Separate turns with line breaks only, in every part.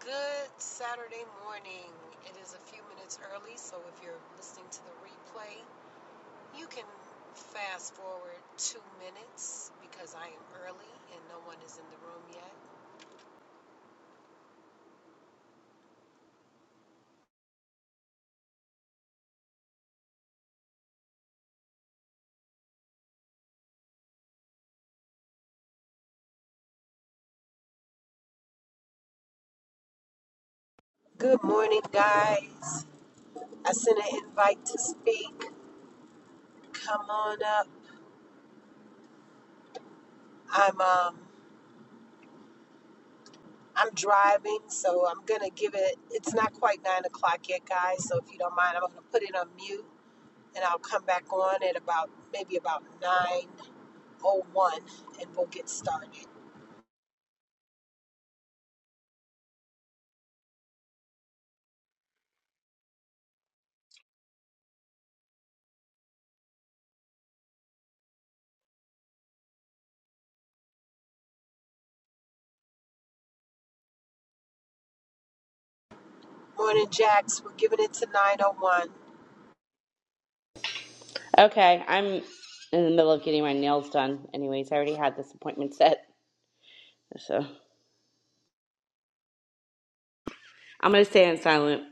Good Saturday morning. It is a few minutes early, so if you're listening to the replay, you can fast forward two minutes because I am early and no one is in the room yet. Good morning, guys. I sent an invite to speak. Come on up. I'm um I'm driving, so I'm gonna give it. It's not quite nine o'clock yet, guys. So if you don't mind, I'm gonna put it on mute, and I'll come back on at about maybe about nine 901 and we'll get started. Morning, Jax. We're giving it to 901.
Okay, I'm in the middle of getting my nails done. Anyways, I already had this appointment set. So I'm going to stay in silent.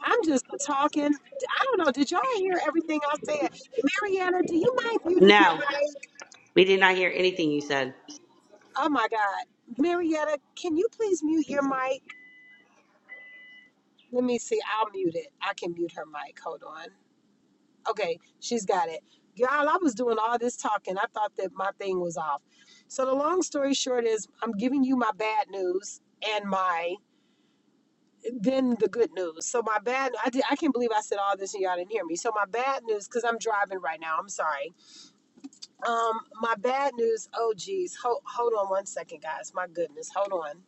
I'm just talking. I don't know. Did y'all hear everything I said? Marietta? do you mind muting your
No,
mic?
we did not hear anything you said.
Oh my God. Marietta, can you please mute your mic? Let me see. I'll mute it. I can mute her mic. Hold on. Okay, she's got it. Y'all, I was doing all this talking. I thought that my thing was off. So the long story short is I'm giving you my bad news and my Then the good news. So my bad. I did, I can't believe I said all this and y'all didn't hear me. So my bad news, because I'm driving right now. I'm sorry. Um, my bad news. Oh geez, hold hold on one second, guys. My goodness, hold on.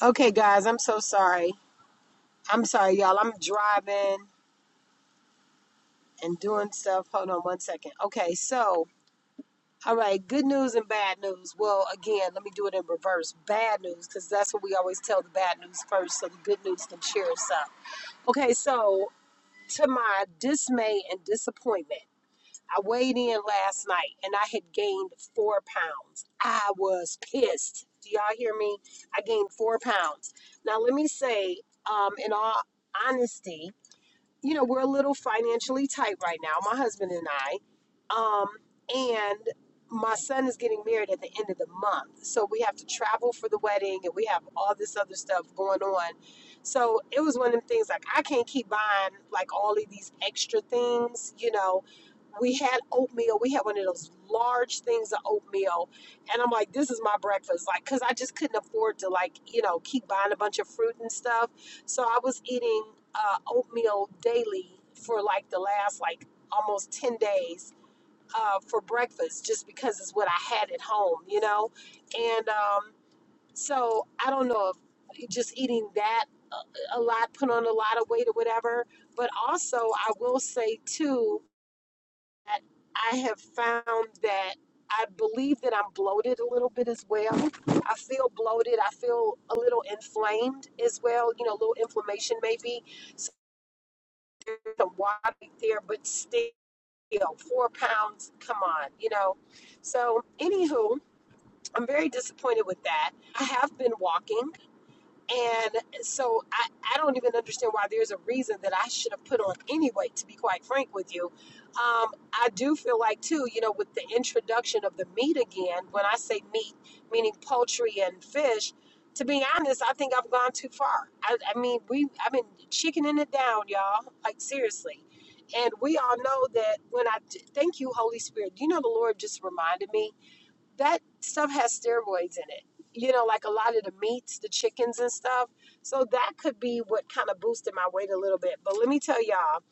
Okay, guys, I'm so sorry. I'm sorry, y'all. I'm driving and doing stuff. Hold on one second. Okay, so all right, good news and bad news. Well, again, let me do it in reverse. Bad news, because that's what we always tell the bad news first, so the good news can cheer us up. Okay, so To my dismay and disappointment, I weighed in last night and I had gained four pounds. I was pissed. Do y'all hear me? I gained four pounds. Now, let me say, um, in all honesty, you know, we're a little financially tight right now, my husband and I. Um, and my son is getting married at the end of the month. So we have to travel for the wedding and we have all this other stuff going on. So it was one of them things like I can't keep buying like all of these extra things, you know we had oatmeal. We had one of those large things of oatmeal. And I'm like, this is my breakfast. Like, cause I just couldn't afford to like, you know, keep buying a bunch of fruit and stuff. So I was eating uh, oatmeal daily for like the last like almost 10 days uh, for breakfast, just because it's what I had at home, you know? And um, so I don't know if just eating that a a lot, put on a lot of weight or whatever. But also I will say too, I have found that I believe that I'm bloated a little bit as well. I feel bloated. I feel a little inflamed as well. You know, a little inflammation maybe. So there's some water right there, but still, four pounds. Come on, you know. So, anywho, I'm very disappointed with that. I have been walking. And so I, I don't even understand why there's a reason that I should have put on any weight, to be quite frank with you. Um, I do feel like, too, you know, with the introduction of the meat again, when I say meat, meaning poultry and fish, to be honest, I think I've gone too far. I, I mean, we I've been chickening it down, y'all, like seriously. And we all know that when I, thank you, Holy Spirit. You know, the Lord just reminded me that stuff has steroids in it. You know, like a lot of the meats, the chickens and stuff. So that could be what kind of boosted my weight a little bit. But let me tell y'all,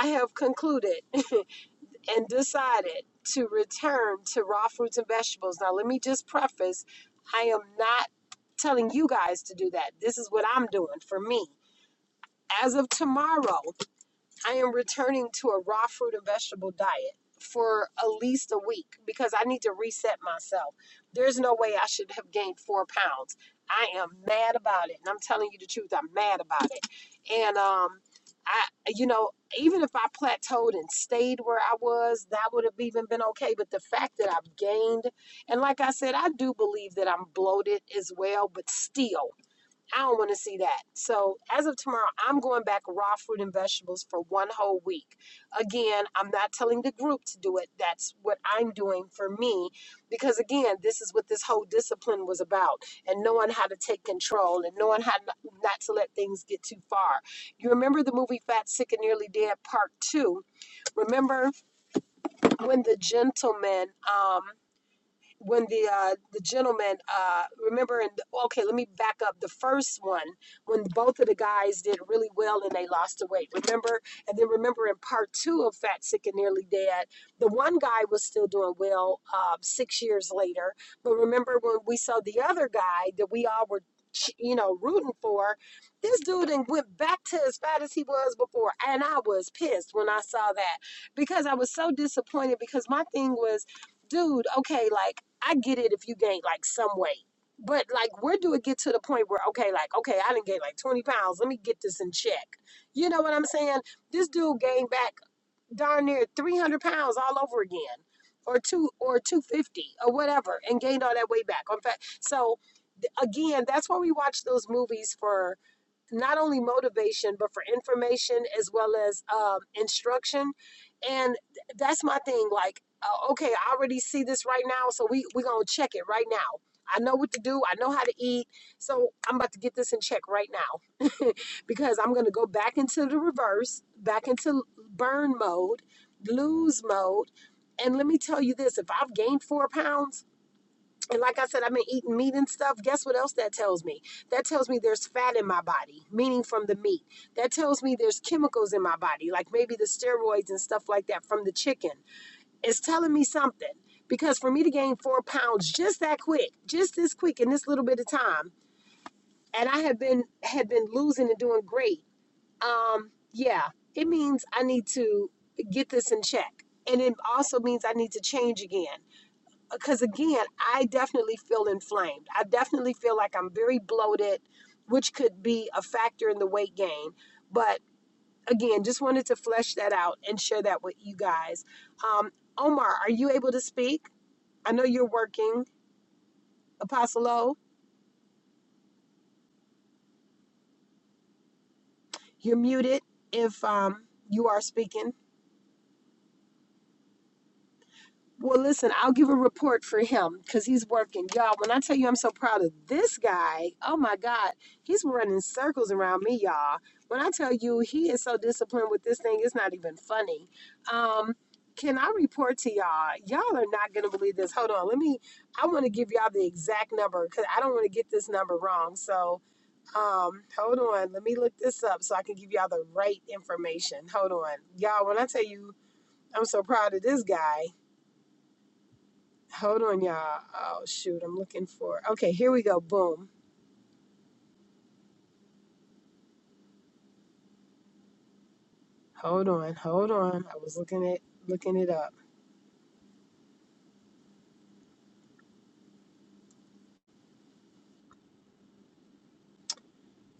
I have concluded and decided to return to raw fruits and vegetables. Now, let me just preface I am not telling you guys to do that. This is what I'm doing for me. As of tomorrow, I am returning to a raw fruit and vegetable diet for at least a week because I need to reset myself. There's no way I should have gained four pounds. I am mad about it. And I'm telling you the truth, I'm mad about it. And um I you know, even if I plateaued and stayed where I was, that would have even been okay. But the fact that I've gained and like I said, I do believe that I'm bloated as well, but still. I don't want to see that. So as of tomorrow, I'm going back raw fruit and vegetables for one whole week. Again, I'm not telling the group to do it. That's what I'm doing for me because again, this is what this whole discipline was about and knowing how to take control and knowing how n- not to let things get too far. You remember the movie Fat Sick and Nearly Dead Part 2? Remember when the gentleman um, when the uh the gentleman uh remember in the, okay let me back up the first one when both of the guys did really well and they lost the weight remember and then remember in part two of fat sick and nearly dead the one guy was still doing well um six years later but remember when we saw the other guy that we all were you know rooting for this dude and went back to as fat as he was before and i was pissed when i saw that because i was so disappointed because my thing was dude, okay, like I get it if you gain like some weight. But like where do it get to the point where okay, like, okay, I didn't gain like 20 pounds. Let me get this in check. You know what I'm saying? This dude gained back darn near 300 pounds all over again or two or 250 or whatever and gained all that weight back. In fact, so th- again, that's why we watch those movies for not only motivation but for information as well as um, instruction and th- that's my thing like uh, okay i already see this right now so we we gonna check it right now i know what to do i know how to eat so i'm about to get this in check right now because i'm gonna go back into the reverse back into burn mode lose mode and let me tell you this if i've gained four pounds and like I said, I've been eating meat and stuff. Guess what else that tells me? That tells me there's fat in my body, meaning from the meat. That tells me there's chemicals in my body, like maybe the steroids and stuff like that from the chicken. It's telling me something. Because for me to gain four pounds just that quick, just this quick in this little bit of time, and I have been had been losing and doing great. Um, yeah, it means I need to get this in check. And it also means I need to change again because again, I definitely feel inflamed. I definitely feel like I'm very bloated, which could be a factor in the weight gain. But again, just wanted to flesh that out and share that with you guys. Um, Omar, are you able to speak? I know you're working. Apostolo, you're muted if um, you are speaking. Well, listen, I'll give a report for him because he's working. Y'all, when I tell you I'm so proud of this guy, oh my God, he's running circles around me, y'all. When I tell you he is so disciplined with this thing, it's not even funny. Um, can I report to y'all? Y'all are not going to believe this. Hold on. Let me, I want to give y'all the exact number because I don't want to get this number wrong. So um, hold on. Let me look this up so I can give y'all the right information. Hold on. Y'all, when I tell you I'm so proud of this guy, Hold on, y'all. Oh shoot, I'm looking for. Okay, here we go. Boom. Hold on, hold on. I was looking it, looking it up.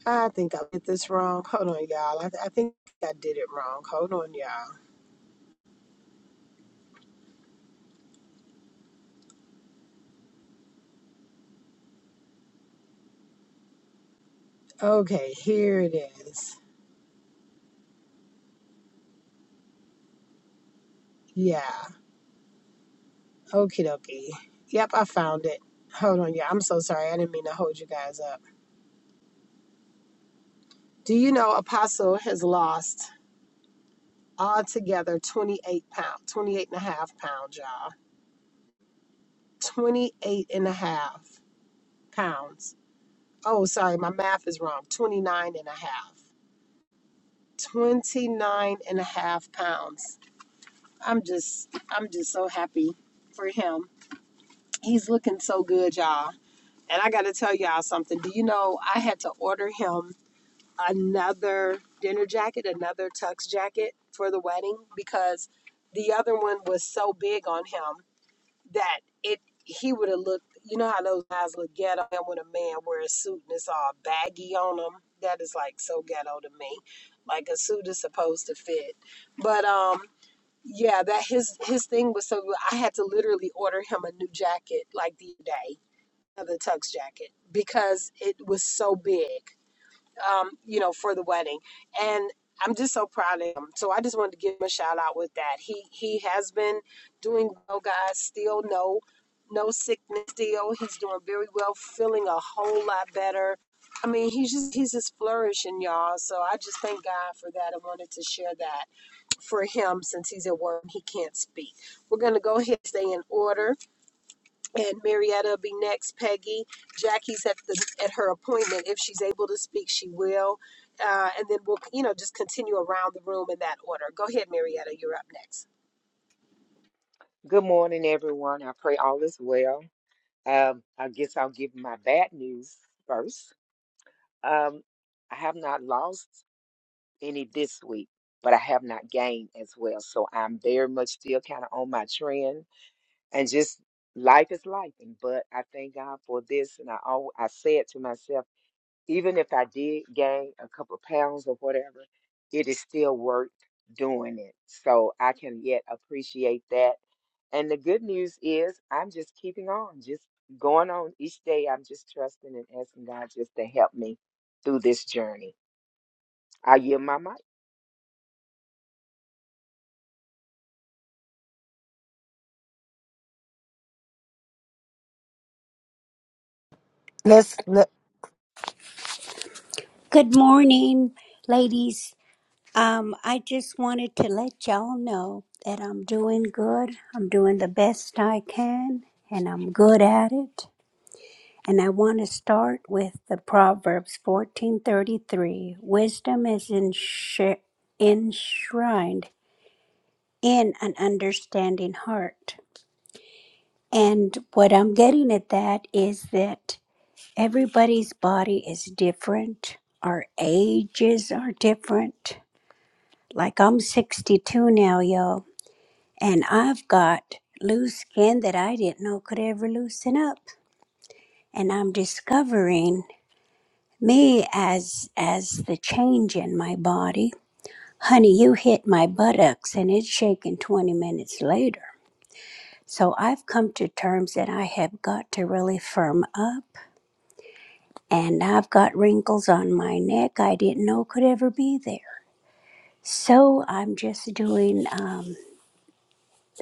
I think I did this wrong. Hold on, y'all. I, I think I did it wrong. Hold on, y'all. Okay, here it is. Yeah. Okie dokie. Yep, I found it. Hold on, y'all. I'm so sorry. I didn't mean to hold you guys up. Do you know Apostle has lost altogether 28 pounds, 28 and a half pounds 5 y'all. 28 and a half pounds 5 oh, sorry, my math is wrong. 29 and a half. 29 and a half pounds. 5 I'm just, I'm just so happy for him. He's looking so good, y'all. And I got to tell y'all something. Do you know I had to order him another dinner jacket, another tux jacket for the wedding because the other one was so big on him that it he would have looked you know how those guys look ghetto and when a man wears a suit and it's all baggy on them that is like so ghetto to me like a suit is supposed to fit but um yeah that his his thing was so i had to literally order him a new jacket like the other day another tux jacket because it was so big um, you know, for the wedding. And I'm just so proud of him. So I just wanted to give him a shout out with that. He he has been doing well, guys. Still no no sickness. Still he's doing very well. Feeling a whole lot better. I mean, he's just he's just flourishing, y'all. So I just thank God for that. I wanted to share that for him since he's at work. and He can't speak. We're gonna go ahead and stay in order and Marietta will be next. Peggy, Jackie's at the at her appointment. If she's able to speak, she will. Uh, and then we'll you know just continue around the room in that order. Go ahead, Marietta. You're up next.
Good morning, everyone. I pray all is well. Um, I guess I'll give my bad news first. Um, I have not lost any this week, but I have not gained as well. So I'm very much still kind of on my trend, and just life is life. And but I thank God for this, and I al I said to myself. Even if I did gain a couple of pounds or whatever, it is still worth doing it. So I can yet appreciate that. And the good news is I'm just keeping on, just going on each day. I'm just trusting and asking God just to help me through this journey. I yield my mic.
Let's. Let,
Good morning, ladies. Um, I just wanted to let y'all know that I'm doing good. I'm doing the best I can, and I'm good at it. And I want to start with the Proverbs 14:33. Wisdom is ensh- enshrined in an understanding heart. And what I'm getting at that is that everybody's body is different. Our ages are different Like I'm 62 now, y'all, and I've got loose skin that I didn't know could ever loosen up. And I'm discovering me as as the change in my body. Honey, you hit my buttocks and it's shaking 20 minutes later. So I've come to terms that I have got to really firm up and I've got wrinkles on my neck I didn't know could ever be there. So I'm just doing. Um,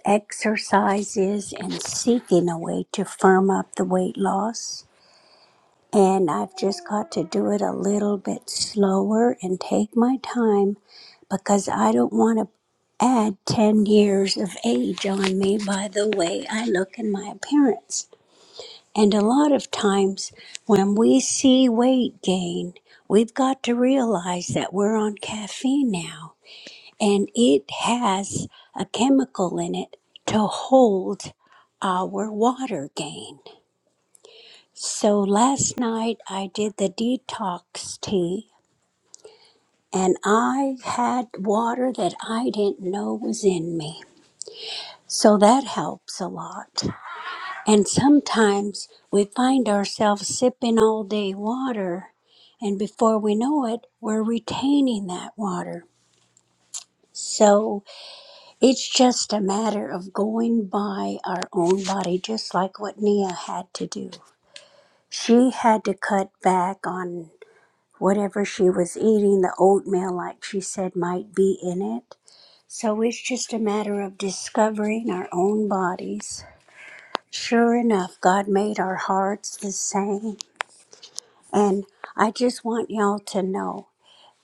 Exercises and seeking a way to firm up the weight loss. And I've just got to do it a little bit slower and take my time because I don't want to add 10 years of age on me by the way I look and my appearance. And a lot of times when we see weight gain, we've got to realize that we're on caffeine now and it has a chemical in it to hold our water gain. So last night I did the detox tea and I had water that I didn't know was in me. So that helps a lot. And sometimes we find ourselves sipping all day water, and before we know it, we're retaining that water. So It's just a matter of going by our own body, just like what Nia had to do. She had to cut back on whatever she was eating, the oatmeal, like she said, might be in it. So it's just a matter of discovering our own bodies. Sure enough, God made our hearts the same. And I just want y'all to know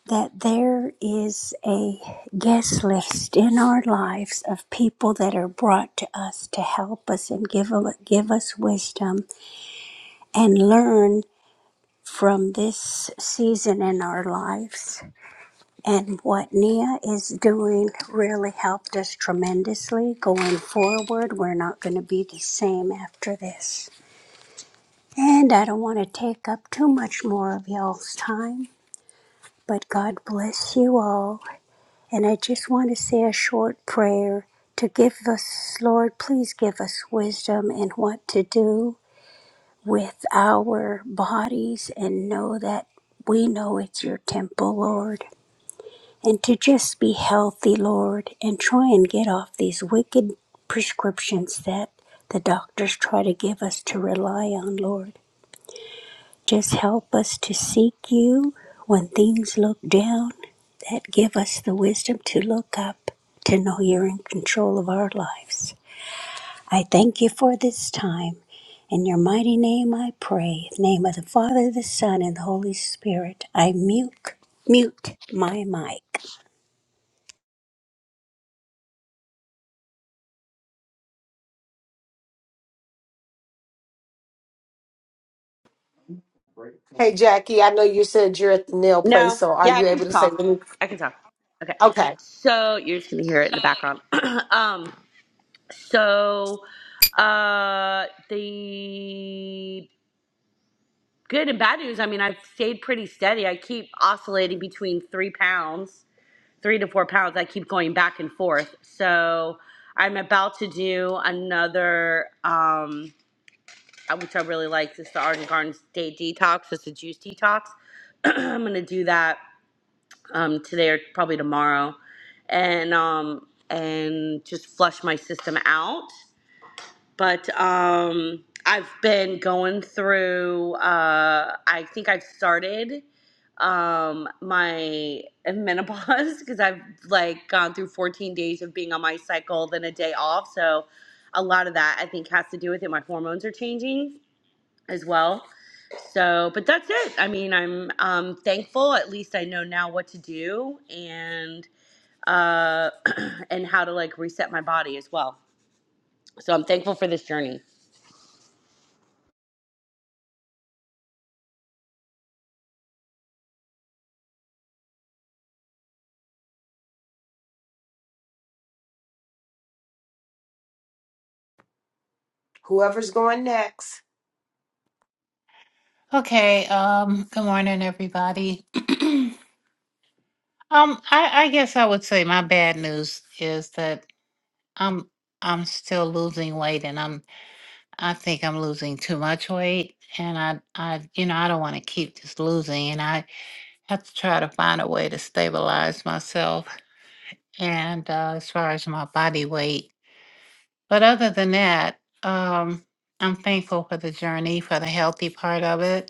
that there is a guest list in our lives of people that are brought to us to help us and give, a- give us wisdom and learn from this season in our lives. And what Nia is doing really helped us tremendously going forward. We're not going to be the same after this. And I don't want to take up too much more of y'all's time, but God bless you all And I just want to say a short prayer to give us, Lord, please give us wisdom in what to do with our bodies and know that we know it's your temple, Lord. And to just be healthy, Lord, and try and get off these wicked prescriptions that the doctors try to give us to rely on, Lord. Just help us to seek you when things look down. That give us the wisdom to look up, to know you're in control of our lives. I thank you for this time. In your mighty name I pray. In the name of the Father, the Son, and the Holy Spirit, I mute, mute my mic.
hey Jay, I know you said you're at the nail place,
No,
so are
yeah, I
you
can
able to say?
talk. I can talk. Okay.
Okay,
So you're just going to hear it in the background. um, so uh the good and bad news, I mean, I've stayed pretty steady. I keep oscillating between three pounds three to four pounds. I keep going back and forth. So I'm about to do another, um, uh, which I really like. This is the Arden Gardens Day Detox. It's a juice detox. I'm gonna do that um, today or probably tomorrow, and um, and just flush my system out but um i've been going through uh i think i've started um my menopause because i've like gone through 14 days of being on my cycle then a day off so a lot of that i think has to do with it my hormones are changing as well so but that's it i mean i'm um thankful at least i know now what to do and uh and how to like reset my body as well so i'm thankful for this journey
whoever's going next.
Okay, um, good morning, everybody. um, I, I guess I would say my bad news is that I'm I'm still losing weight and I'm I think I'm losing too much weight and I I you know, I don't want to keep just losing and I have to try to find a way to stabilize myself and uh, as far as my body weight. But other than that, um I'm thankful for the journey, for the healthy part of it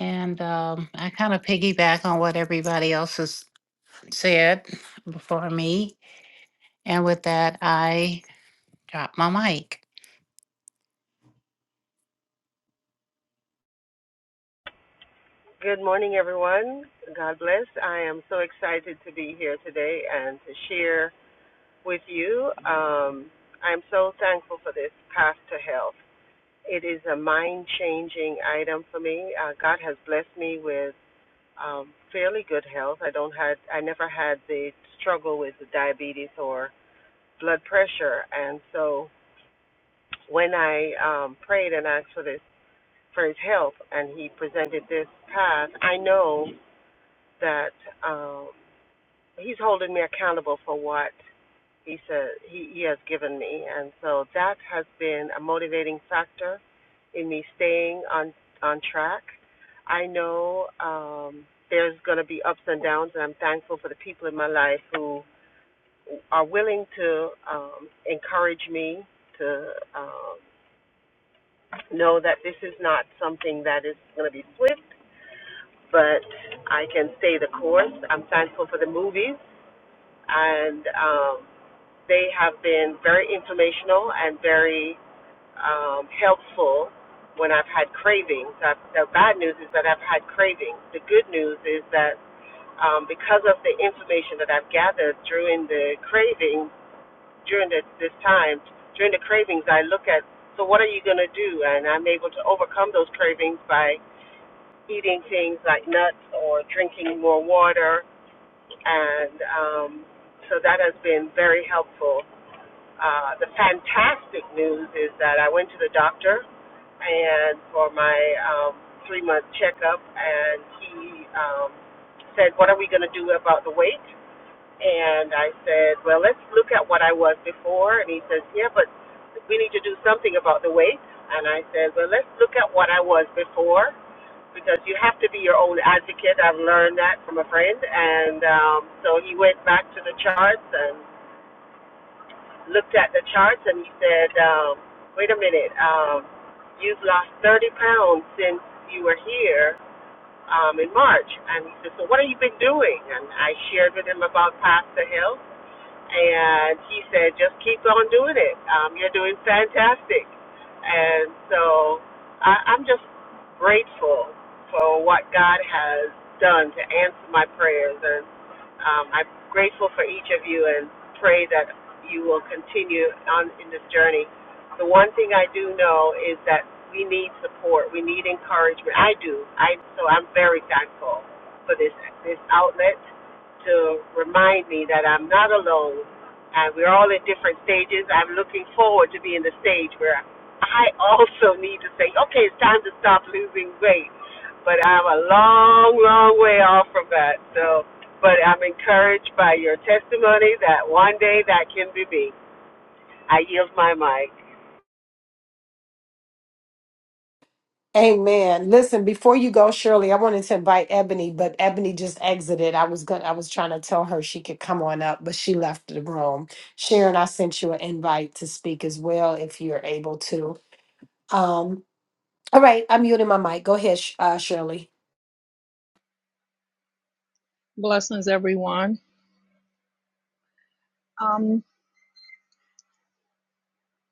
And um, I kind of piggyback on what everybody else has said before me. And with that, I drop my mic.
Good morning, everyone. God bless. I am so excited to be here today and to share with you. Um, I'm so thankful for this path to health. It is a mind changing item for me. Uh, God has blessed me with um, fairly good health. I don't had I never had the struggle with the diabetes or blood pressure, and so when I um, prayed and asked for this for His help, and He presented this path, I know that. Um, he's holding me accountable for what he said he, he has given me and so that has been a motivating factor in me staying on on track i know um there's going to be ups and downs and i'm thankful for the people in my life who are willing to um encourage me to um know that this is not something that is going to be swift but i can stay the course i'm thankful for the movies and um, They have been very informational and very um, helpful when I've had cravings. i the bad news is that I've had cravings. The good news is that um, because of the information that I've gathered during the craving, during the, this time, during the cravings, I look at so what are you going to do? And I'm able to overcome those cravings by eating things like nuts or drinking more water, and um, so that has been very helpful. Uh, the fantastic news is that I went to the doctor and for my um, three month checkup, and he um, said, "What are we going to do about the weight?" And I said, "Well, let's look at what I was before." And he says, "Yeah, but we need to do something about the weight." And I said, "Well, let's look at what I was before." Because you have to be your own advocate. I've learned that from a friend. And um, so he went back to the charts and looked at the charts and he said, um, wait a minute, um, you've lost 30 pounds since you were here um, in March. And he said, so what have you been doing? And I shared with him about Pastor Hill and he said, just keep on doing it. Um, you're doing fantastic. And so I, I'm just grateful for what God has done to answer my prayers. And um, I'm grateful for each of you and pray that you will continue on in this journey. The one thing I do know is that we need support. We need encouragement. I do. I so I'm very thankful for this this outlet to remind me that I'm not alone and we're all at different stages. I'm looking forward to being the stage where I also need to say, okay, it's time to stop losing weight. But I'm a long, long way off from that. So, but I'm encouraged by your testimony that one day that can be me. I yield my mic.
Amen. Listen, before you go, Shirley, I wanted to invite Ebony, but Ebony just exited. I was gonna I was trying to tell her she could come on up, but she left the room. Sharon, I sent you an invite to speak as well if you're able to. Um, all right, I'm muting my mic. Go ahead, Sh- uh, Shirley.
Blessings, everyone. Um,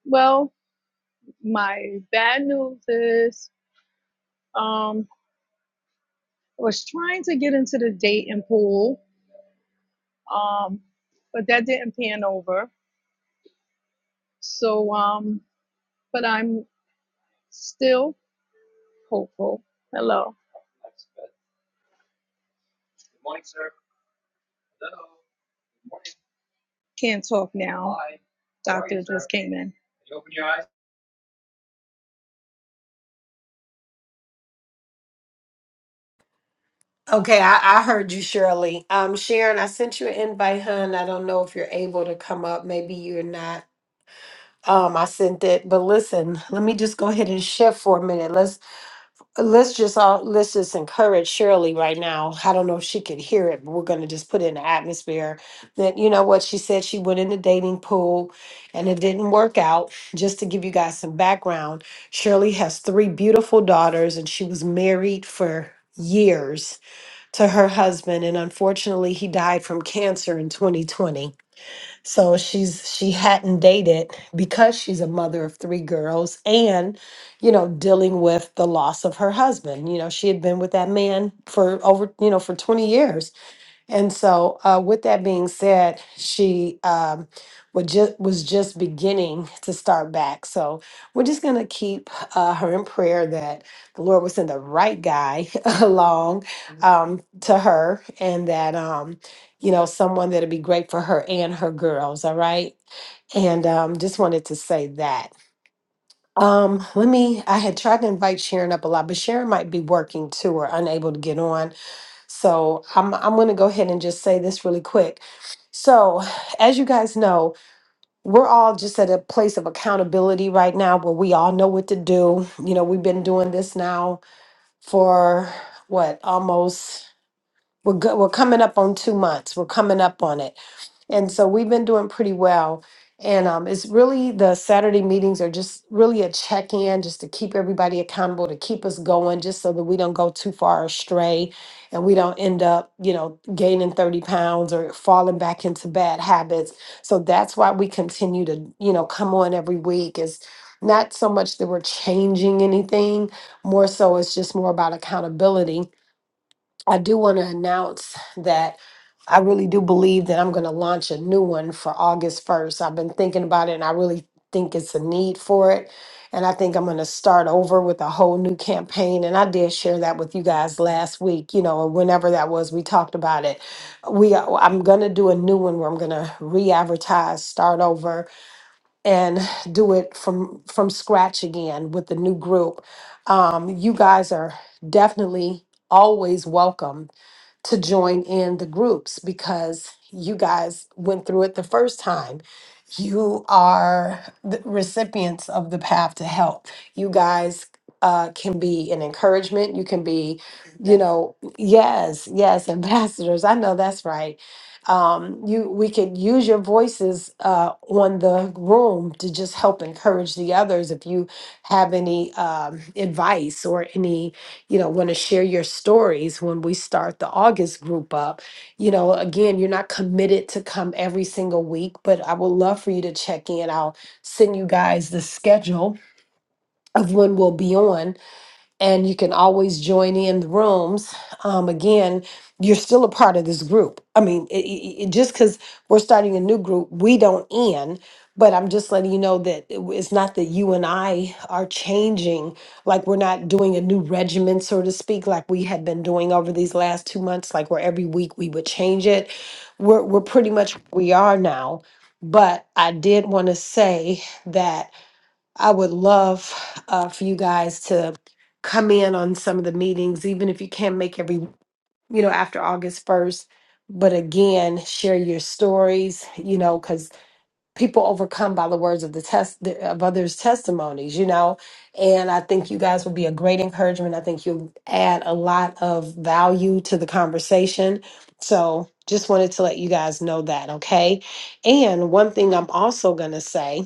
well, my bad news is um, I was trying to get into the dating pool, um, but that didn't pan over. So, um, but I'm still hopeful. Hello, can't talk now. Hi. Doctor just came in.
Okay, I, I heard you, Shirley. Um, Sharon, I sent you an invite, hun. I don't know if you're able to come up. Maybe you're not. Um, I sent it, but listen, let me just go ahead and shift for a minute. Let's. Let's just all let's just encourage Shirley right now. I don't know if she could hear it, but we're gonna just put it in the atmosphere that you know what she said. She went in the dating pool, and it didn't work out. Just to give you guys some background, Shirley has three beautiful daughters, and she was married for years to her husband, and unfortunately, he died from cancer in 2020. So she's she hadn't dated because she's a mother of three girls and you know dealing with the loss of her husband. You know, she had been with that man for over, you know, for 20 years and so, uh, with that being said, she um, was just was just beginning to start back. So we're just gonna keep uh, her in prayer that the Lord will send the right guy along um, to her, and that um, you know someone that'll be great for her and her girls. All right, and um, just wanted to say that. Um, let me. I had tried to invite Sharon up a lot, but Sharon might be working too or unable to get on. So I'm I'm going to go ahead and just say this really quick. So, as you guys know, we're all just at a place of accountability right now where we all know what to do. You know, we've been doing this now for what? Almost we're go- we're coming up on 2 months. We're coming up on it. And so we've been doing pretty well. And um, it's really the Saturday meetings are just really a check in just to keep everybody accountable, to keep us going, just so that we don't go too far astray and we don't end up, you know, gaining 30 pounds or falling back into bad habits. So that's why we continue to, you know, come on every week is not so much that we're changing anything, more so it's just more about accountability I do want to announce that I really do believe that I'm going to launch a new one for August 1st. I've been thinking about it and I really think it's a need for it. And I think I'm going to start over with a whole new campaign. And I did share that with you guys last week, you know, or whenever that was, we talked about it. We, I'm going to do a new one where I'm going to re-advertise, start over, and do it from from scratch again with the new group. Um, you guys are definitely always welcome to join in the groups because you guys went through it the first time. You are the recipients of the path to help. You guys uh, can be an encouragement. You can be, you know, yes, yes, ambassadors. I know that's right. Um, you, we could use your voices uh, on the room to just help encourage the others. If you have any um, advice or any you know want to share your stories when we start the august group up you know again you're not committed to come every single week but i would love for you to check in i'll send you guys the schedule of when we'll be on and you can always join in the rooms. Um, again, you're still a part of this group. I mean, it, it, it- just because we're starting a new group, we don't end. But I'm just letting you know that it it's not that you and I are changing, like we're not doing a new regimen, so to speak, like we had been doing over these last two months, like where every week we would change it. We're, we're pretty much where we are now. But I did want to say that I would love uh, for you guys to come in on some of the meetings, even if you can't make every, you know, after August 1st. But again, share your stories, you know, because people overcome by the words of the test of others' testimonies, you know. And I think you guys will be a great encouragement. I think you'll add a lot of value to the conversation. So just wanted to let you guys know that, okay? And one thing I'm also gonna say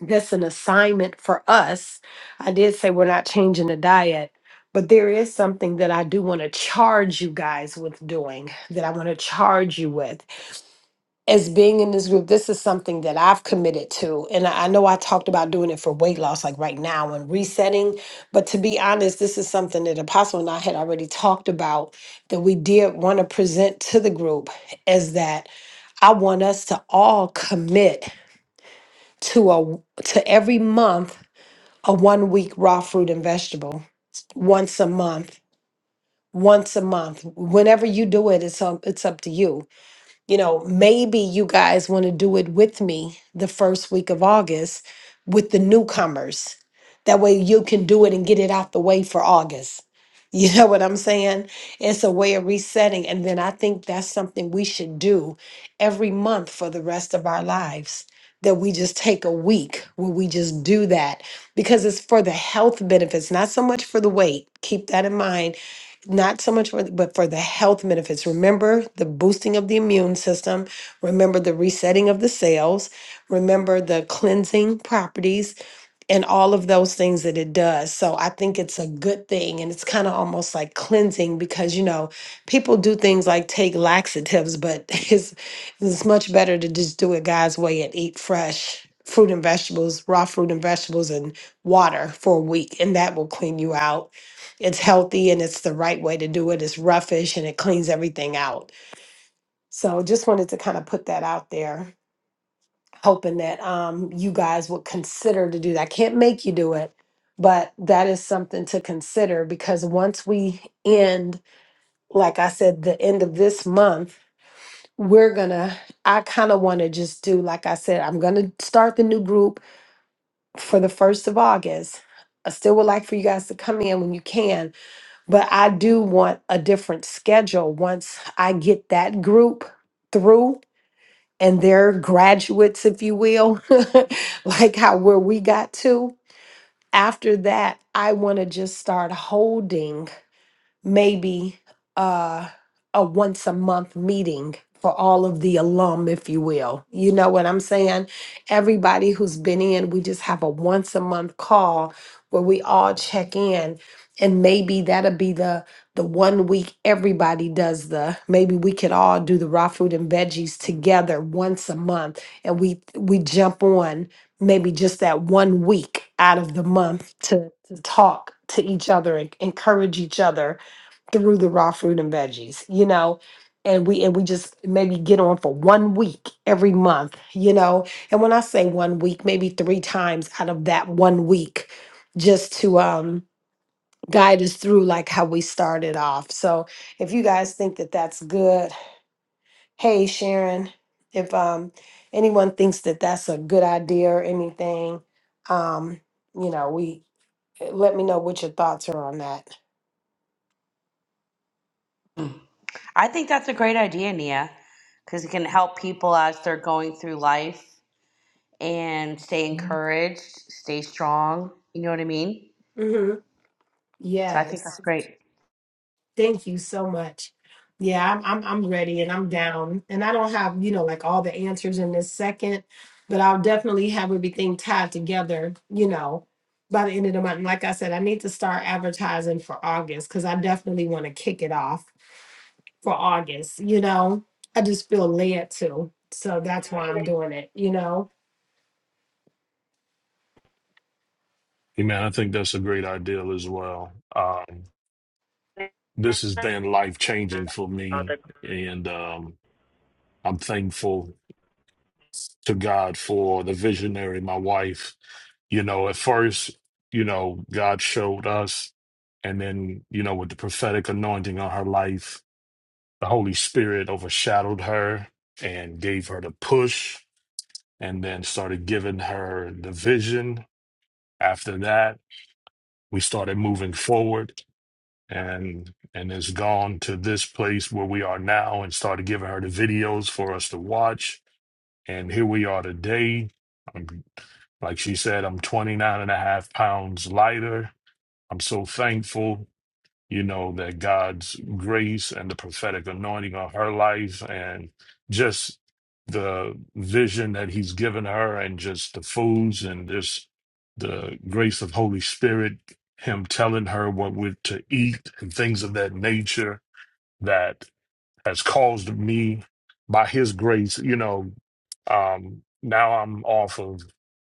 that's an assignment for us. I did say we're not changing the diet, but there is something that I do want to charge you guys with doing, that I want to charge you with. As being in this group, this is something that I've committed to. And I I know I talked about doing it for weight loss, like right now and resetting. But to be honest, this is something that Apostle and I had already talked about that we did want to present to the group is that I want us to all commit to a to every month a one week raw fruit and vegetable once a month once a month whenever you do it it's up, it's up to you you know, maybe you guys want to do it with me the first week of August with the newcomers. That way you can do it and get it out the way for August. You know what I'm saying? It's a way of resetting. And then I think that's something we should do every month for the rest of our lives. That we just take a week where we just do that because it's for the health benefits, not so much for the weight. Keep that in mind not so much for the, but for the health benefits remember the boosting of the immune system remember the resetting of the cells remember the cleansing properties and all of those things that it does. So I think it's a good thing and it's kind of almost like cleansing because you know, people do things like take laxatives, but it's it's much better to just do it God's way and eat fresh fruit and vegetables, raw fruit and vegetables and water for a week and that will clean you out. It's healthy and it's the right way to do it. It's roughish and it cleans everything out. So just wanted to kind of put that out there hoping that um, you guys would consider to do that. I can't make you do it, but that is something to consider because once we end, like I said, the end of this month, we're gonna, I kind of want to just do, like I said, I'm gonna start the new group for the 1st of August. I still would like for you guys to come in when you can, but I do want a different schedule once I get that group through and their graduates, if you will, like how where we got to. After that, I want to just start holding maybe uh, a once a month meeting for all of the alum, if you will. You know what I'm saying? Everybody who's been in, we just have a once a month call where we all check in. And maybe that'll be the the one week everybody does the maybe we could all do the raw food and veggies together once a month and we we jump on maybe just that one week out of the month to, to talk to each other and encourage each other through the raw fruit and veggies, you know, and we and we just maybe get on for one week every month, you know. And when I say one week, maybe three times out of that one week, just to um guide us through like how we started off. So if you guys think that that's good, hey Sharon, if um anyone thinks that that's a good idea or anything, um, you know, we eh, let me know what your thoughts are on that.
I think that's a great idea, Nia, because it can help people as they're going through life and stay encouraged, stay strong. You know what I mean?
Mm-hmm.
So I think
Yes.
that's great.
Thank you so much. Yeah, I'm I'm I'm ready and I'm down. And I don't have, you know, like all the answers in this second, but I'll definitely have everything tied together, you know, by the end of the month. And like I said, I need to start advertising for August because I definitely want to kick it off for August, you know. I just feel led to. So that's why I'm doing it, you know.
Hey, man, I think that's a great ideal as well. Um, this has been life changing for me, and um, I'm thankful to God for the visionary, my wife. You know, at first, you know, God showed us, and then, you know, with the prophetic anointing on her life, the Holy Spirit overshadowed her and gave her the push, and then started giving her the vision. After that, we started moving forward and and has gone to this place where we are now and started giving her the videos for us to watch and here we are today I'm, like she said i'm 29 and a half pounds lighter i'm so thankful you know, that God's grace and the prophetic anointing on her life and just the vision that he's given her and just the foods and just the grace of Holy Spirit, him telling her what we're to eat and things of that nature that has caused me by his grace, you know, um, now I'm off of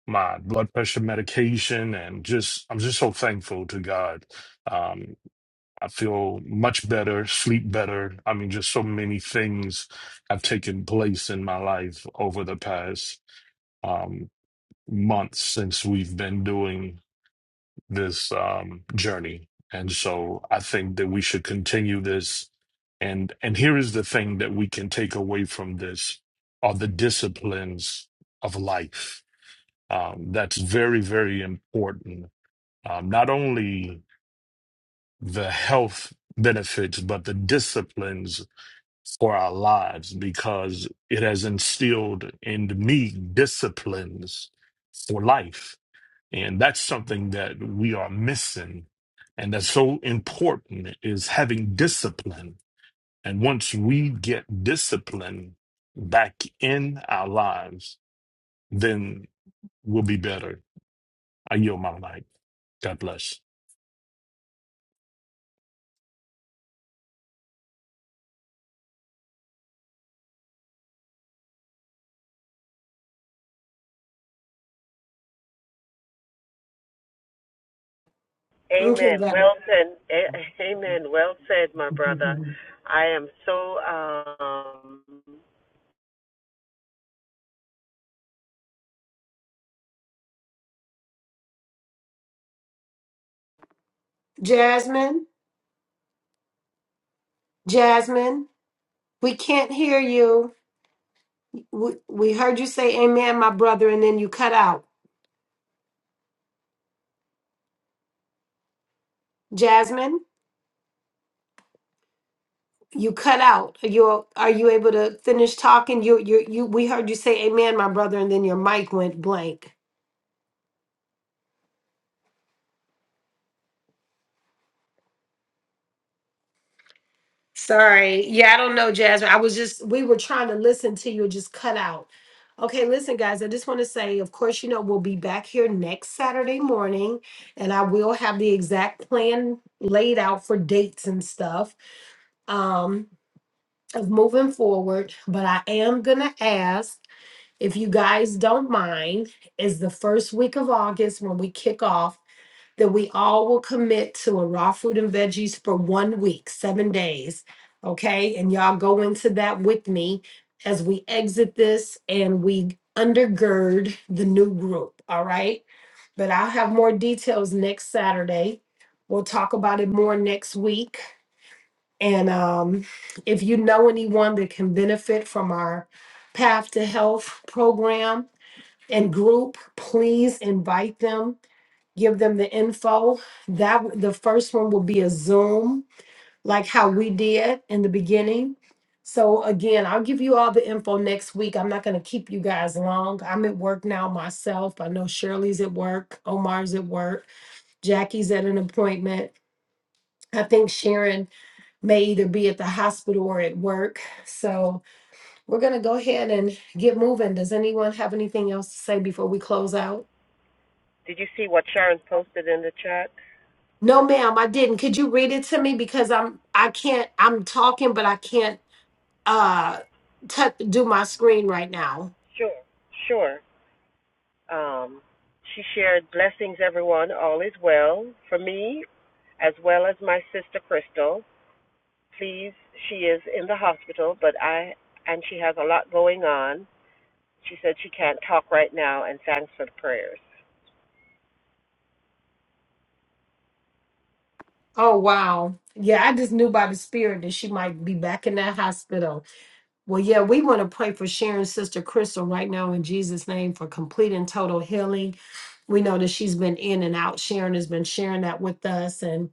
my blood pressure medication and just I'm just so thankful to God um, I feel much better, sleep better. I mean, just so many things have taken place in my life over the past um, months since we've been doing this um, journey. And so I think that we should continue this. And and here is the thing that we can take away from this are the disciplines of life. Um, that's very, very important. Um, not only the health benefits, but the disciplines for our lives because it has instilled in me disciplines for life. And that's something that we are missing. And that's so important is having discipline. And once we get discipline back in our lives, then we'll be better. I yield my mic. God bless.
Okay.
Amen. Well said. Amen. Well said, my brother. I am so. Um,
Jasmine, Jasmine, we can't hear you. We, we heard you say amen, my brother, and then you cut out. Jasmine, you cut out. Are you, are you able to finish talking? You, you, you, we heard you say amen, my brother, and then your mic went blank. Sorry. Yeah, I don't know, Jasmine. I was just, we were trying to listen to you, it just cut out. Okay, listen, guys, I just want to say, of course, you know, we'll be back here next Saturday morning, and I will have the exact plan laid out for dates and stuff. Um, of moving forward, but I am gonna ask if you guys don't mind, is the first week of August when we kick off that we all will commit to a raw fruit and veggies for one week, seven days. Okay, and y'all go into that with me as we exit this and we undergird the new group. All right, but I'll have more details next Saturday. We'll talk about it more next week and um, if you know anyone that can benefit from our Path to Health program and group, please invite them. Give them the info. That w- the first one will be a Zoom, like how we did in the beginning. So again, I'll give you all the info next week. I'm not going to keep you guys long. I'm at work now myself. I know Shirley's at work, Omar's at work, Jackie's at an appointment. I think Sharon may either be at the hospital or at work. So we're going to go ahead and get moving. Does anyone have anything else to say before we close out?
did you see what Sharon posted in the chat?
No, ma'am, I didn't. Could you read it to me because I'm I can't I'm talking but I can't uh touch do my screen right now.
Sure, sure. Um, she shared blessings, everyone. All is well for me, as well as my sister Crystal. Please, she is in the hospital, but I and she has a lot going on. She said she can't talk right now, and thanks for the prayers.
Oh wow. Yeah, I just knew by the spirit that she might be back in that hospital. Well, yeah, we want to pray for Sharon's sister Crystal right now in Jesus' name for complete and total healing. We know that she's been in and out. Sharon has been sharing that with us, and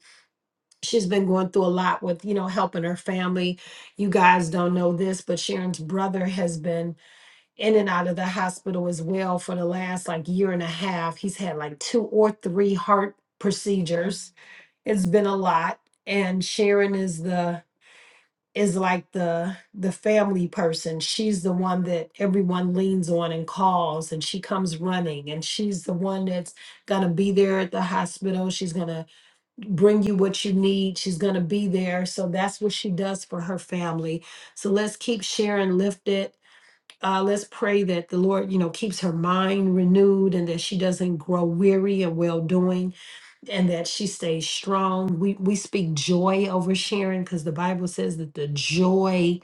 she's been going through a lot with, you know, helping her family. You guys don't know this, but Sharon's brother has been in and out of the hospital as well for the last like year and a half. He's had like two or three heart procedures. It's been a lot. And Sharon is the is like the the family person. She's the one that everyone leans on and calls and she comes running and she's the one that's going to be there at the hospital. She's going to bring you what you need. She's going to be there. So that's what she does for her family. So let's keep sharing lifted. Uh, let's pray that the Lord, you know, keeps her mind renewed and that she doesn't grow weary and well doing and that she stays strong. We we speak joy over Sharon because the Bible says that the joy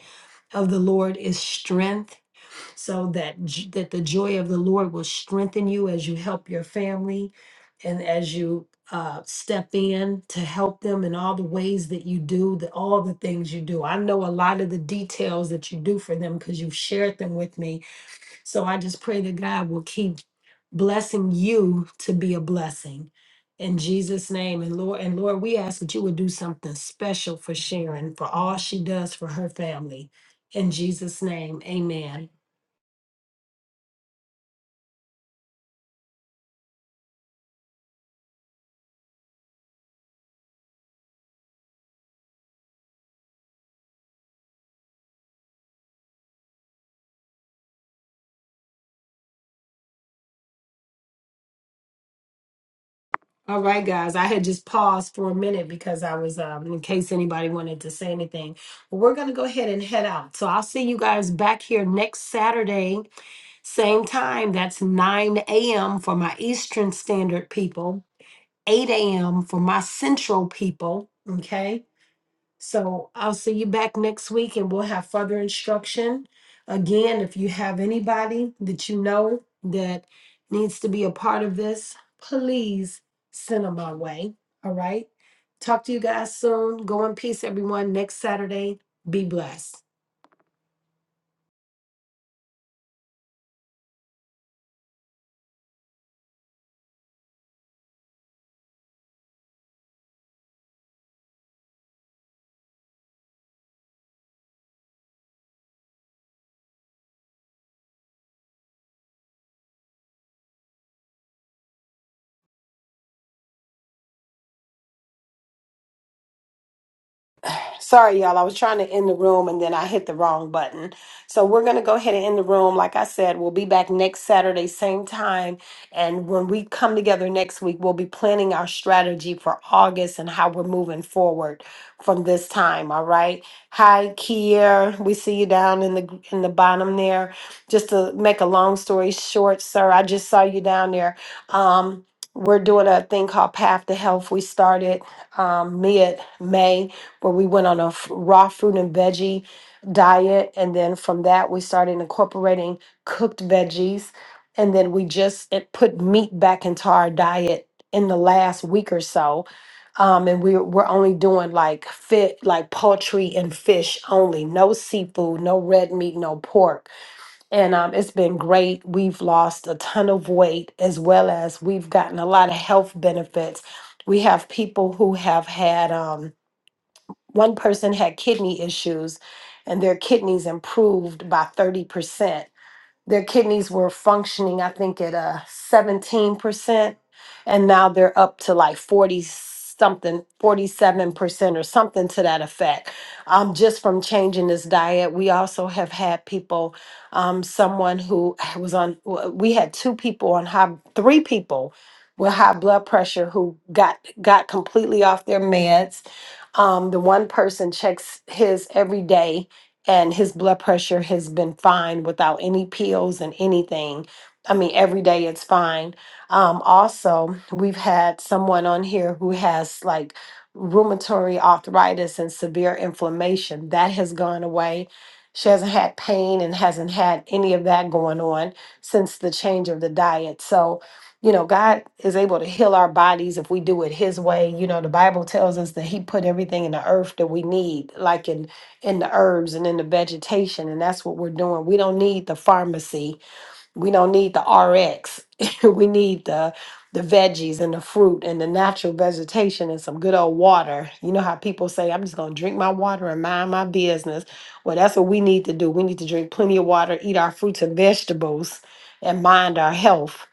of the Lord is strength. So that j- that the joy of the Lord will strengthen you as you help your family, and as you uh, step in to help them in all the ways that you do, the all the things you do. I know a lot of the details that you do for them because you've shared them with me so I just pray that God will keep blessing you to be a blessing. In Jesus' name. And Lord, and Lord, we ask that you would do something special for Sharon, for all she does for her family. In Jesus' name. Amen. All right, guys. I had just paused for a minute because I was um in case anybody wanted to say anything. But we're gonna go ahead and head out. So I'll see you guys back here next Saturday, same time. That's 9 a.m. for my Eastern Standard people. 8 a.m. for my central people. Okay. So I'll see you back next week and we'll have further instruction. Again, if you have anybody that you know that needs to be a part of this, please send them my way. All right. Talk to you guys soon. Go in peace, everyone. Next Saturday. Be blessed. Sorry, y'all. I was trying to end the room and then I hit the wrong button. So we're going to go ahead and end the room. Like I said, we'll be back next Saturday, same time. And when we come together next week, we'll be planning our strategy for August and how we're moving forward from this time. All right. Hi, Kier. We see you down in the in the bottom there. Just to make a long story short, sir, I just saw you down there. Um, we're doing a thing called Path to Health. We started um, mid May where we went on a f- raw fruit and veggie diet. And then from that, we started incorporating cooked veggies. And then we just it put meat back into our diet in the last week or so. Um, and we're, we're only doing like fit, like poultry and fish only, no seafood, no red meat, no pork. And um, it's been great. We've lost a ton of weight as well as we've gotten a lot of health benefits. We have people who have had. Um, one person had kidney issues and their kidneys improved by 30% their kidneys were functioning, I think, at a 17%, and now they're up to like 40 something, 47% or something to that effect. Um, just from changing this diet, we also have had people, um, someone who was on, w- we had two people on high, three people with high blood pressure who got got completely off their meds. Um, the one person checks his every day and his blood pressure has been fine without any pills and anything. I mean, every day it's fine. Um, also, we've had someone on here who has like rheumatoid arthritis and severe inflammation that has gone away. She hasn't had pain and hasn't had any of that going on since the change of the diet. So, you know, God is able to heal our bodies if we do it His way. You know, the Bible tells us that He put everything in the earth that we need, like in in the herbs and in the vegetation and that's what we're doing we don't need the pharmacy we don't need the rx we need the the veggies and the fruit and the natural vegetation and some good old water you know how people say i'm just going to drink my water and mind my business well that's what we need to do we need to drink plenty of water eat our fruits and vegetables and mind our health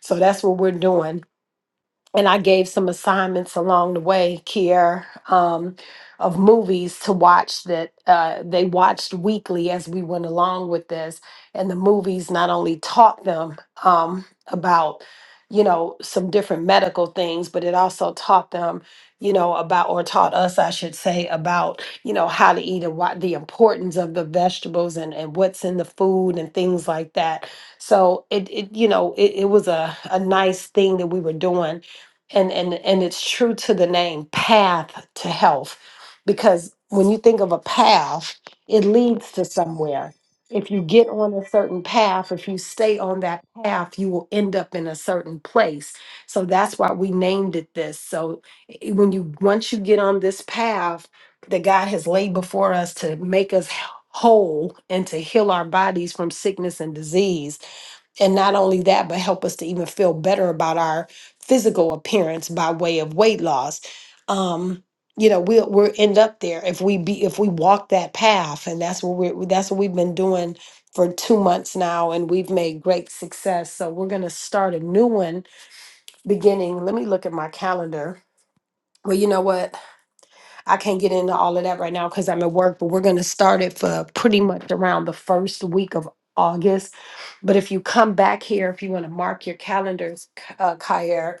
so that's what we're doing and I gave some assignments along the way, Kier, um, of movies to watch that uh, they watched weekly as we went along with this. And the movies not only taught them um, about, you know, some different medical things, but it also taught them, you know, about, or taught us, I should say, about, you know, how to eat and what the importance of the vegetables and, and what's in the food and things like that. So it, it you know, it, it was a, a nice thing that we were doing and and and it's true to the name path to health because when you think of a path it leads to somewhere if you get on a certain path if you stay on that path you will end up in a certain place so that's why we named it this so i- when you once you get on this path that god has laid before us to make us whole and to heal our bodies from sickness and disease and not only that, but help us to even feel better about our physical appearance by way of weight loss. Um, you know, we'll we'll end up there if we be if we walk that path, and that's what we're that's what we've been doing for two months now, and we've made great success. So we're gonna start a new one beginning. Let me look at my calendar. Well, you know what? I can't get into all of that right now because I'm at work, but we're going to start it for pretty much around the first week of August. But if you come back here, if you want to mark your calendars, K- uh, Kyer,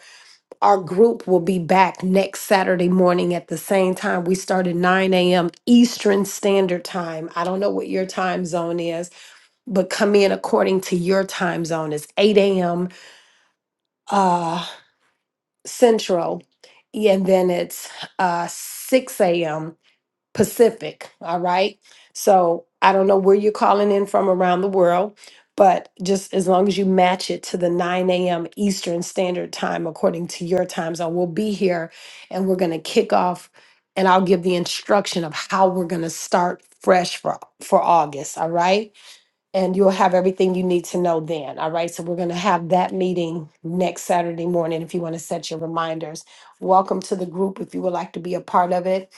our group will be back next Saturday morning at the same time. We start at 9 a.m. Eastern Standard Time. I don't know what your time zone is, but come in according to your time zone. It's 8 a.m. Uh, Central, and then it's uh, 6 a.m. Pacific. All right. So I don't know where you're calling in from around the world, but just as long as you match it to the 9 a.m. Eastern Standard Time, according to your time zone, we'll be here and we're going to kick off and I'll give the instruction of how we're going to start fresh for, for August. All right and you'll have everything you need to know then. All right. So we're going to have that meeting next Saturday morning if you want to set your reminders. Welcome to the group if you would like to be a part of it.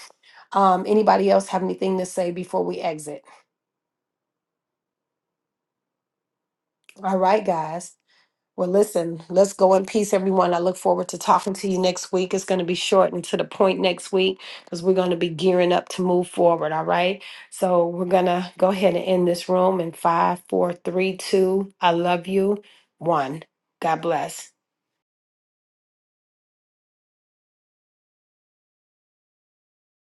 Um, anybody else have anything to say before we exit? All right, guys. Well, listen, let's go in peace, everyone. I look forward to talking to you next week. It's going to be short and to the point next week because we're going to be gearing up to move forward. All right. So we're going to go ahead and end this room in five, four, three, two. I love you. One. God bless.